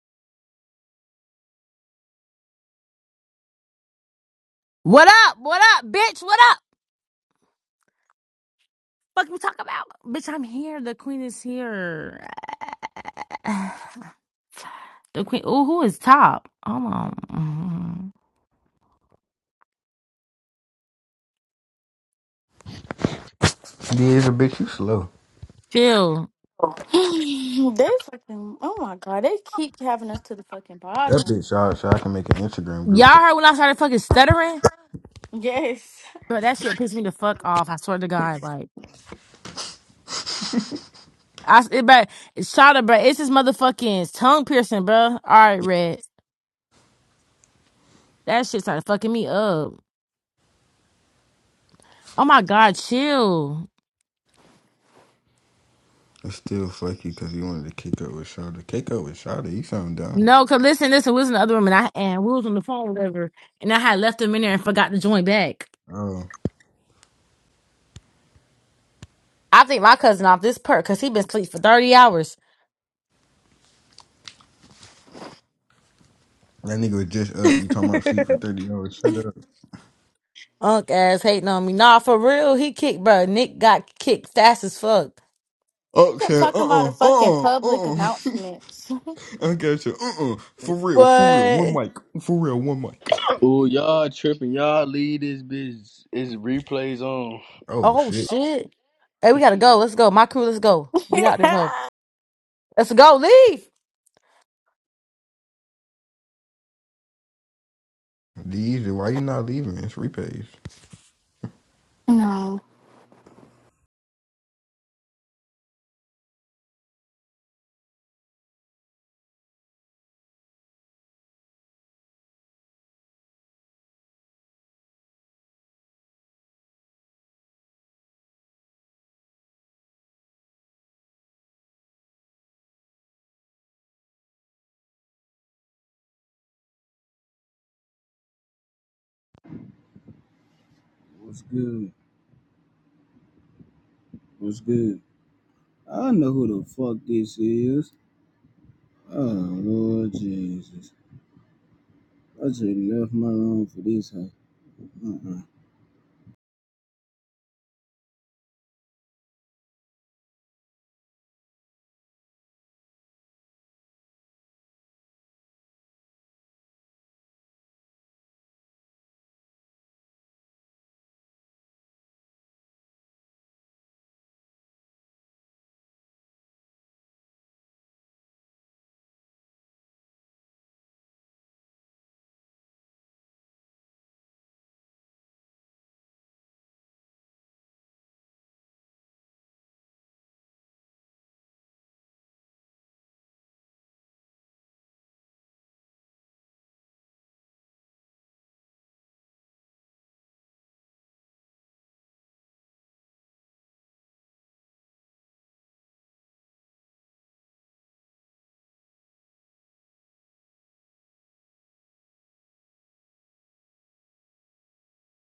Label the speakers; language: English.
Speaker 1: What up? What up, bitch? What up? Fuck you talk about? Bitch, I'm here. The queen is here. The queen. Ooh, who is top? Hold on.
Speaker 2: Yeah, it's a bitch, you slow.
Speaker 1: Chill.
Speaker 3: they fucking oh my god, they keep having us to the fucking
Speaker 2: That
Speaker 3: bottom.
Speaker 2: bitch, I, so I can make an Instagram group
Speaker 1: Y'all
Speaker 2: chat.
Speaker 1: heard when I started fucking stuttering?
Speaker 3: Yes.
Speaker 1: Bro, that shit pissed me the fuck off. I swear to God. Like, I. it, but, shout out, bro. It's this motherfucking tongue piercing, bro. All right, Red. That shit started fucking me up. Oh my God, chill.
Speaker 2: It's still fuck you because you wanted to kick up with Shada. Kick up with Shada, you sound dumb.
Speaker 1: No, cause listen, listen, we was in the other room and I, and we was on the phone, whatever. And I had left them in there and forgot to join back.
Speaker 2: Oh,
Speaker 1: I think my cousin off this perk because he been asleep for 30 hours.
Speaker 2: that nigga was just up. You talking about sleep for 30 hours. Shut up.
Speaker 1: Unk ass hating on me. Nah, for real, he kicked, bro. Nick got kicked fast as fuck.
Speaker 3: You
Speaker 2: Oh,
Speaker 3: kept
Speaker 2: shit.
Speaker 3: talking about a
Speaker 2: Uh-uh.
Speaker 3: fucking
Speaker 2: Uh-uh.
Speaker 3: public
Speaker 2: Uh-uh.
Speaker 3: announcements.
Speaker 2: I got you. Uh-uh. For real. For real. One
Speaker 1: What?
Speaker 2: mic. For real. One mic.
Speaker 4: Ooh, y'all tripping. Y'all leave this bitch. It's replays on.
Speaker 2: Oh,
Speaker 1: Oh,
Speaker 2: shit.
Speaker 1: shit. Hey, we gotta go. Let's go. My crew, let's go. We got this hoe. Let's go. Leave.
Speaker 2: These, why you not leaving? It's repays.
Speaker 3: no.
Speaker 5: What's good? What's good? I know who the fuck this is. Oh Lord Jesus. I just left my room for this house. Uh-uh.